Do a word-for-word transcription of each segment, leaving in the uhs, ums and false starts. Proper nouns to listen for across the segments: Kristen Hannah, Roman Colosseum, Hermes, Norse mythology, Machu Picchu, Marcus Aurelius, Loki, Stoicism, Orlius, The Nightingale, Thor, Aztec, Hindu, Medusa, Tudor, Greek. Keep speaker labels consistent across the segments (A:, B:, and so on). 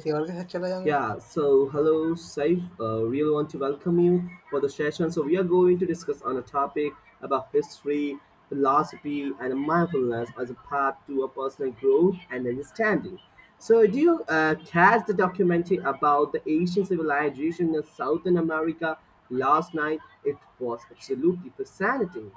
A: किसी और के साथ चला जाऊंगा.
B: Yeah, so hello, Saif. Uh, really want to welcome you for the session. So we are going to discuss on a topic about history, philosophy, and mindfulness as a path to a personal growth and understanding. So do you uh, catch the documentary about the Asian civilization in Southern America last night? It was absolutely fascinating.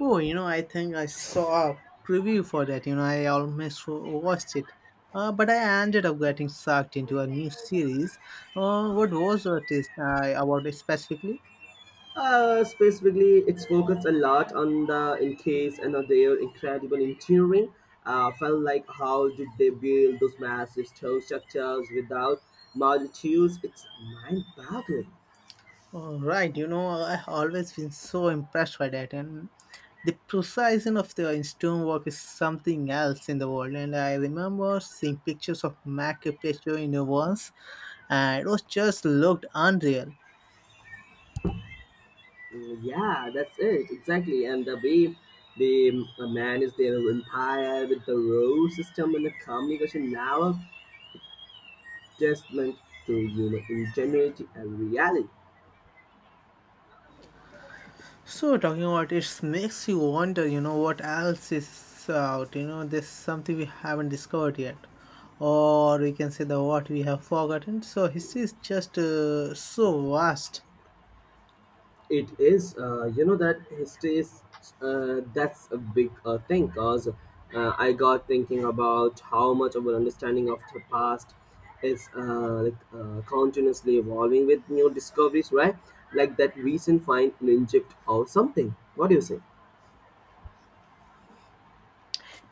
A: Oh, you know I think I saw a preview for that, you know I almost watched it, uh, but I ended up getting sucked into a new series. Uh, what was it, is uh, about it specifically?
B: Uh, specifically, it's focused a lot on the in case and on their incredible engineering. Uh, felt like how did they build those massive stone structures without multitudes? It's mind-boggling.
A: All right, you know, I have always been so impressed by that, and the precision of the stone work is something else in the world. And I remember seeing pictures of Machu Picchu in the once, and it was just looked unreal.
B: Mm, yeah, that's it exactly. And the way they uh, manage their empire with the road system and the communication now, testament to human ingenuity and reality.
A: So talking about it makes you wonder, you know, what else is out. You know, there's something we haven't discovered yet, or we can say the what we have forgotten. So history is just uh, so vast.
B: It is, uh, you know, that history is uh, that's a big uh, thing because uh, I got thinking about how much of our understanding of the past is uh, like, uh, continuously evolving with new discoveries, right? Like that recent find in Egypt or something. What do you say?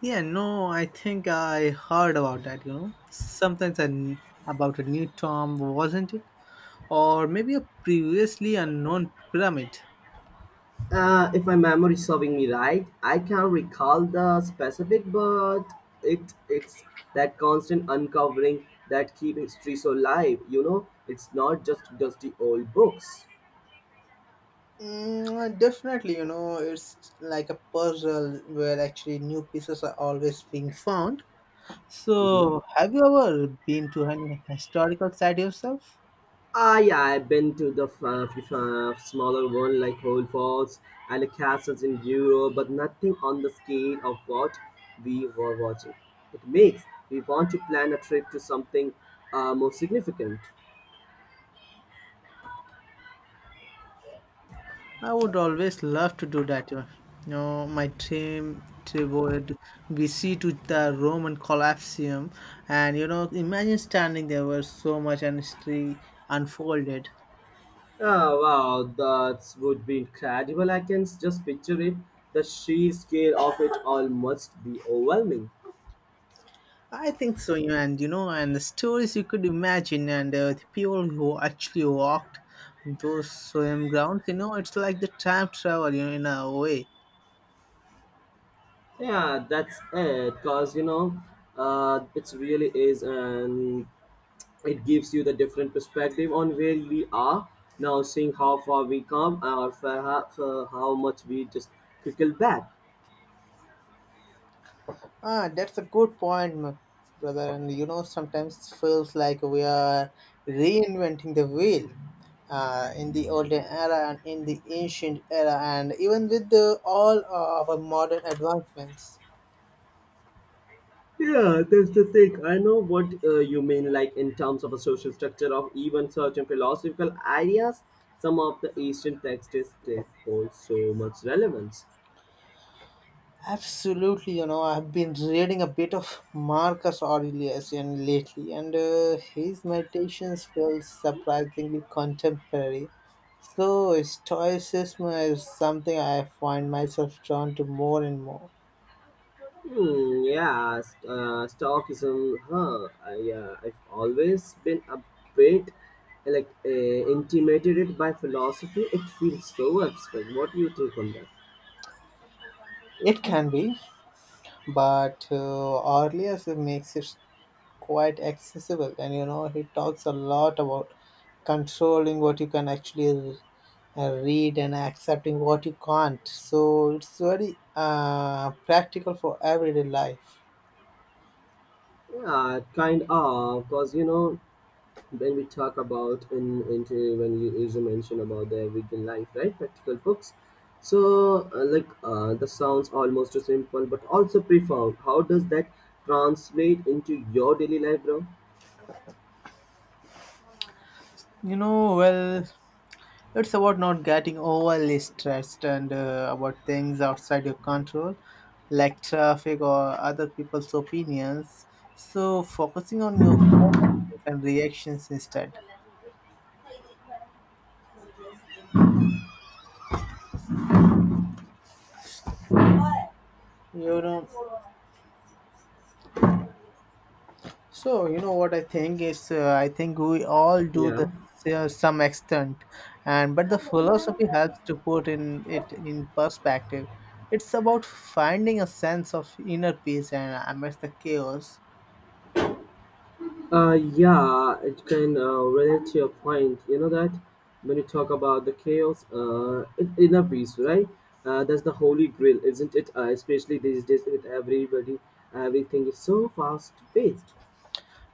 A: Yeah, no, I think I heard about that. You know, sometimes an, about a new tomb, wasn't it, or maybe a previously unknown pyramid.
B: Uh, if my memory is serving me right, I can't recall the specific, but it it's that constant uncovering that keep history so alive. You know, it's not just dusty old books.
A: Mm, definitely, you know, it's like a puzzle where actually new pieces are always being found.
B: Hmm.
A: So, have you ever been to any historical site yourself?
B: Ah, yeah, I've been to the f- uh, f- uh, smaller one like Whole Falls and the castles in Europe, but nothing on the scale of what we were watching. It makes we want to plan a trip to something uh, more significant.
A: I would always love to do that. You know, my dream trip would be see to the Roman Colosseum, and you know, imagine standing there where so much history unfolded.
B: Ah, wow, that would be incredible. I can just picture it. The sheer scale of it all must be overwhelming.
A: I think so, you know, and you know, and the stories you could imagine, and uh, the people who actually walked those same grounds. You know, it's like the time travel, you know, in a way.
B: Yeah, that's it. Because, you know, uh, it really is, and it gives you the different perspective on where we are now, seeing how far we come or for how, for how much we just trickle back.
A: Ah, that's a good point, m- brother. And you know, sometimes feels like we are reinventing the wheel uh, in the olden era and in the ancient era, and even with the, all our modern advancements.
B: Yeah, that's the thing. I know what uh, you mean, like in terms of a social structure of even certain philosophical ideas. Some of the Eastern texts they hold so much relevance.
A: Absolutely, you know, I've been reading a bit of Marcus Aurelius and lately, and uh, his meditations feel surprisingly contemporary. So, Stoicism is something I find myself drawn to more and more.
B: Hmm, yeah, st- uh, Stoicism. Huh? I, uh, I've always been a bit like uh, intimidated by philosophy. It feels so abstract. What do you think on that?
A: It can be, but uh, Orlius makes it quite accessible, and you know he talks a lot about controlling what you can actually uh, read and accepting what you can't. So it's very uh, practical for everyday life.
B: Yeah, kind of, because you know. When we talk about in into when you is mention about the everyday life, right? Practical books. So uh, like uh, the sounds almost too simple, but also profound. How does that translate into your daily life, bro?
A: You know, well, it's about not getting overly stressed and uh, about things outside your control, like traffic or other people's opinions. So focusing on your own actions and reactions instead. You know. So you know what I think is uh, I think we all do
B: Yeah.
A: the uh, some extent, and but the philosophy helps to put in it in perspective. It's about finding a sense of inner peace and amidst the chaos.
B: Uh, yeah, it can uh, relate to your point. You know that when you talk about the chaos, uh, in- inner peace, right? Uh, that's the holy grail, isn't it? Uh, especially these days with everybody, everything is so fast paced.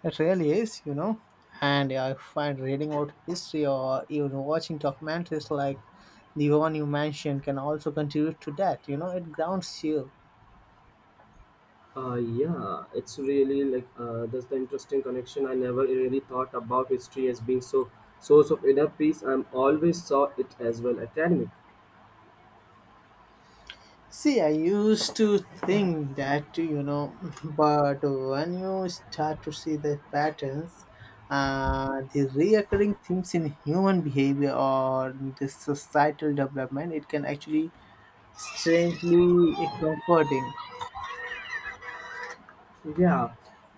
A: It really is, you know. And I find reading about history or even watching documentaries like the one you mentioned can also contribute to that. You know, it grounds you.
B: Uh, yeah, it's really like uh, that's the interesting connection. I never really thought about history as being so source of inner peace. I'm always saw it as well academic.
A: See, I used to think that, you know, but when you start to see the patterns, uh, the reoccurring themes in human behavior or the societal development, it can actually strangely comforting.
B: Yeah,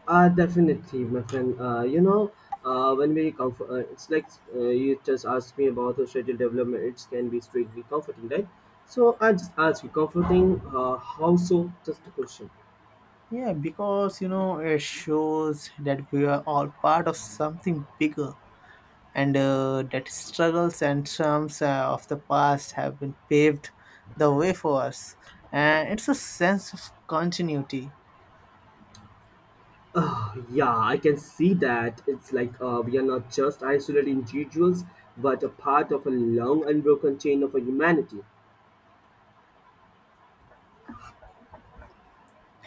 B: uh, definitely, my friend. Uh, you know, uh, when we come, for, uh, it's like uh, you just asked me about the schedule development. It can be strictly comforting, right? So I just ask you, comforting? Uh, how so? Just a question.
A: Yeah, because you know it shows that we are all part of something bigger, and uh, that struggles and triumphs uh, of the past have been paved the way for us. And it's a sense of continuity.
B: Ah, yeah, I can see that. It's like uh, we are not just isolated individuals, but a part of a long unbroken chain of humanity.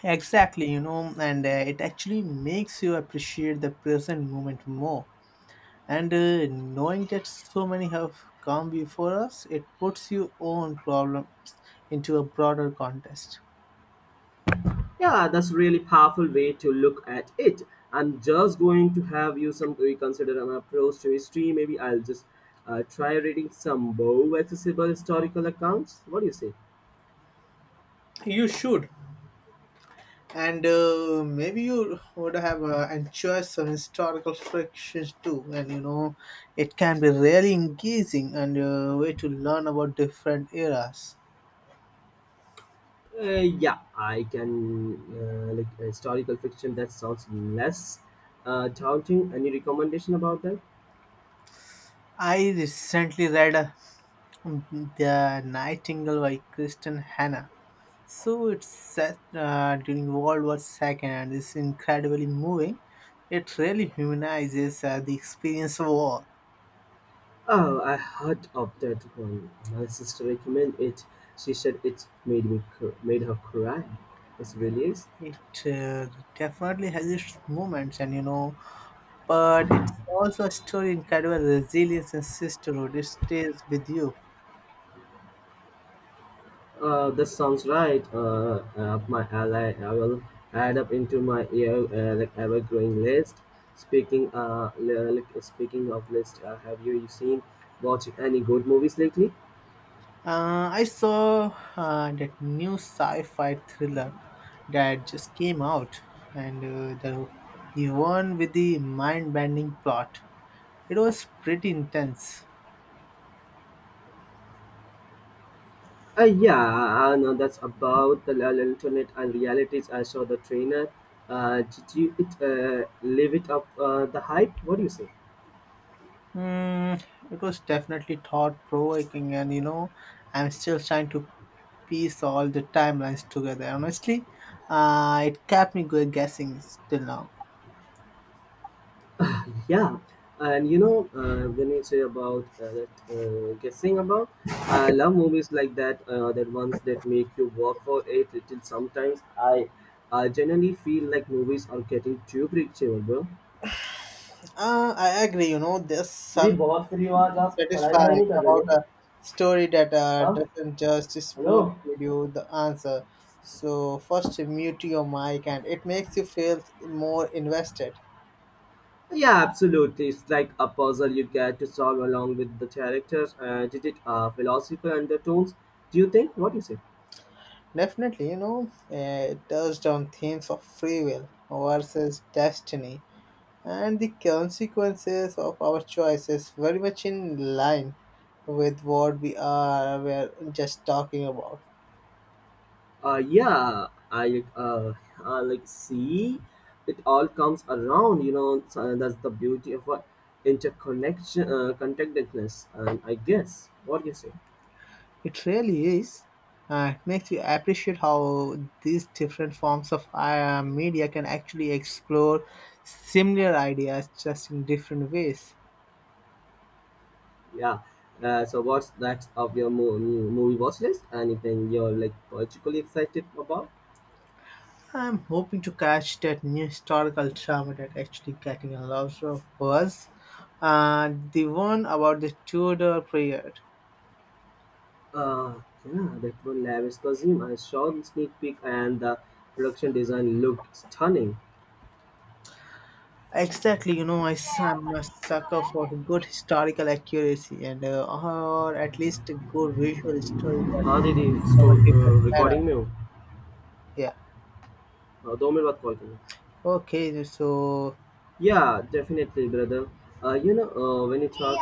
A: Exactly, you know, and uh, it actually makes you appreciate the present moment more. And uh, knowing that so many have come before us, it puts your own problems into a broader context.
B: Yeah, that's a really powerful way to look at it. I'm just going to have you some reconsider my approach to history. Maybe I'll just uh, try reading some more accessible historical accounts. What do you say?
A: You should, and uh, maybe you would have uh, enjoyed some historical fictions too, and you know it can be really engaging and a way to learn about different eras.
B: Uh, yeah, I can uh, like historical fiction. That sounds less uh, daunting. Any recommendation about that?
A: I recently read uh, The Nightingale by Kristen Hannah. So it's set uh, during World War Two, and it's incredibly moving. It really humanizes uh, the experience of war.
B: Oh, I heard of that one. My sister recommended it. She said it made me cr- made her cry. It really is.
A: It uh, definitely has its moments, and you know but it's also a story of incredible resilience and sisterhood. It stays with you.
B: Uh, that sounds right. Uh, up my ally. I will add up into my ear uh, like ever growing list. Speaking uh, li- like, speaking of list, uh, have you seen watching any good movies lately?
A: Uh, I saw uh, that new sci-fi thriller that just came out, and uh, the the one with the mind-bending plot. It was pretty intense.
B: Uh, yeah, I know that's about the l- alternate and realities. I saw the trainer. Uh, did you it, uh, live it up uh, the hype? What do you say?
A: Mm, it was definitely thought-provoking, and you know, I'm still trying to piece all the timelines together. Honestly, uh, it kept me go- guessing still now.
B: Yeah, and you know, uh, when you say about uh, that uh, guessing about, I love movies like that. Uh, that ones that make you work for it. Till sometimes I, I generally feel like movies are getting too predictable, bro.
A: Uh, I agree. You know, there's
B: दीदी
A: some
B: बहुत free हो आज आप पढ़ाई वढ़ाई
A: satisfying
B: नहीं कर रहे
A: about
B: हो.
A: a story that uh,
B: हाँ.
A: doesn't just
B: hello.
A: spoon feed you the answer. So first, mute your mic, and it makes you feel more invested.
B: Yeah, absolutely. It's like a puzzle you get to solve along with the characters. Uh, did it uh, philosophical undertones? Do you think? What do you say?
A: Definitely, you know, uh, it touched on themes of free will versus destiny and the consequences of our choices, very much in line with what we are we're just talking about.
B: Uh yeah I uh, uh like see it all comes around, you know, so uh, that's the beauty of what interconnection, uh, connectedness, and I guess what do you say.
A: It really is. Uh, it makes you appreciate how these different forms of uh, media can actually explore similar ideas just in different ways.
B: Yeah, uh, so what's next of your mo- mo- movie watch list, anything you're like particularly excited about?
A: I'm hoping to catch that new historical drama that actually getting a lot of buzz. Uh, the one about the Tudor period.
B: uh yeah, that one lavish costume, I saw the sneak peek and the production design looked stunning.
A: Exactly, you know, I, am a sucker for good historical accuracy and uh, or at least good visual
B: हाँ
A: storytelling
B: didi.
A: from a
B: store
A: different era.
B: Recording में हूँ.
A: Yeah.
B: अ, दो minute बाद call करूँ.
A: Okay, so
B: Yeah, definitely, brother. Uh, you know, uh, when you talk,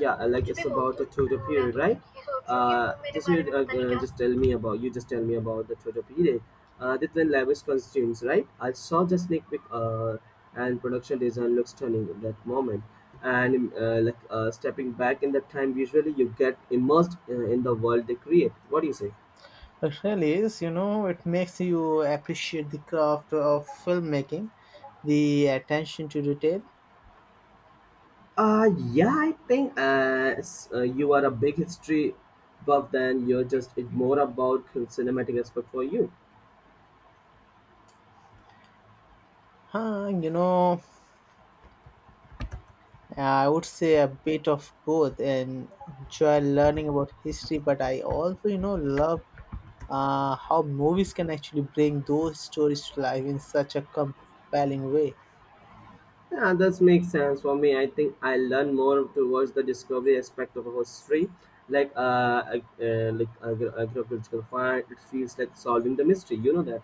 B: yeah, uh, like it's about the Tudor period, right? Uh, just you uh, uh, just tell me about you. Just tell me about the Tudor period. Uh, the twin lavish costumes, right? I saw the sneak peek, uh, and production design looks stunning in that moment. And uh, like uh, stepping back in that time, usually you get immersed uh, in the world they create. What do you say?
A: it really is, you know, it makes you appreciate the craft of filmmaking, the attention to detail.
B: Uh, yeah, I think as uh, you are a big history buff, then you're just it's more about cinematic aspect for you.
A: Huh, you know, I would say a bit of both and enjoy learning about history, but I also, you know, love uh, how movies can actually bring those stories to life in such a compelling way.
B: Yeah, that makes sense for me. I think I learn more towards the discovery aspect of history, like uh, ag- uh like agri- agricultural find. It feels like solving the mystery. You know that.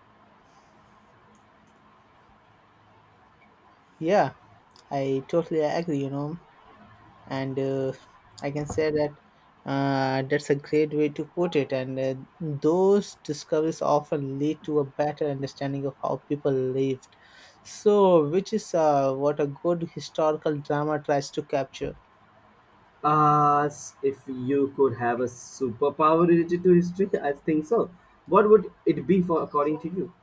A: Yeah, I totally agree, you know. And uh, I can say that uh, that's a great way to put it, and uh, those discoveries often lead to a better understanding of how people lived, so which is uh, what a good historical drama tries to capture.
B: Uh, s- if you could have a superpower related to history, I think so. What would it be for according to you?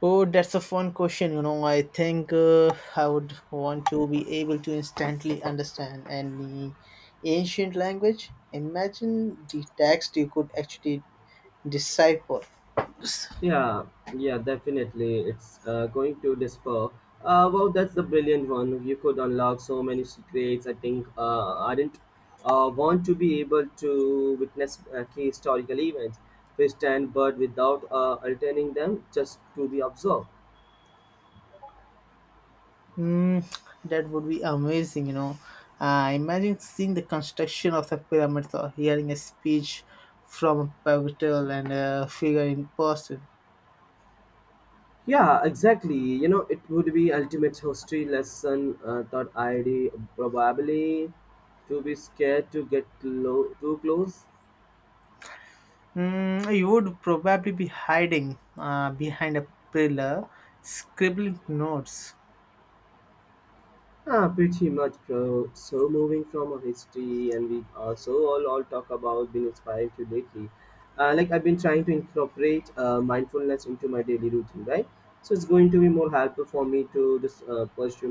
A: Oh, that's a fun question, you know I think uh, I would want to be able to instantly understand any ancient language. Imagine the text you could actually decipher.
B: Yeah, yeah, definitely. It's uh, going to differ. Uh, wow, that's the brilliant one. You could unlock so many secrets. I think uh, I didn't uh, want to be able to witness uh, key historical events, fish and bird, without uh, alterning them just to be observed.
A: Mm, that would be amazing, you know. Uh, imagine seeing the construction of the pyramids or hearing a speech from a pivotal and a figure in person.
B: Yeah, exactly. You know, it would be ultimate history lesson. Uh, thought I'd probably to be scared to get low, too close.
A: Mm, you would probably be hiding uh, behind a pillar, scribbling notes,
B: Ah, pretty much. Bro. So moving from a history, and we also all, all talk about being inspired to lately. Uh, like I've been trying to incorporate uh, mindfulness into my daily routine, right? So it's going to be more helpful for me to just uh, pursue more.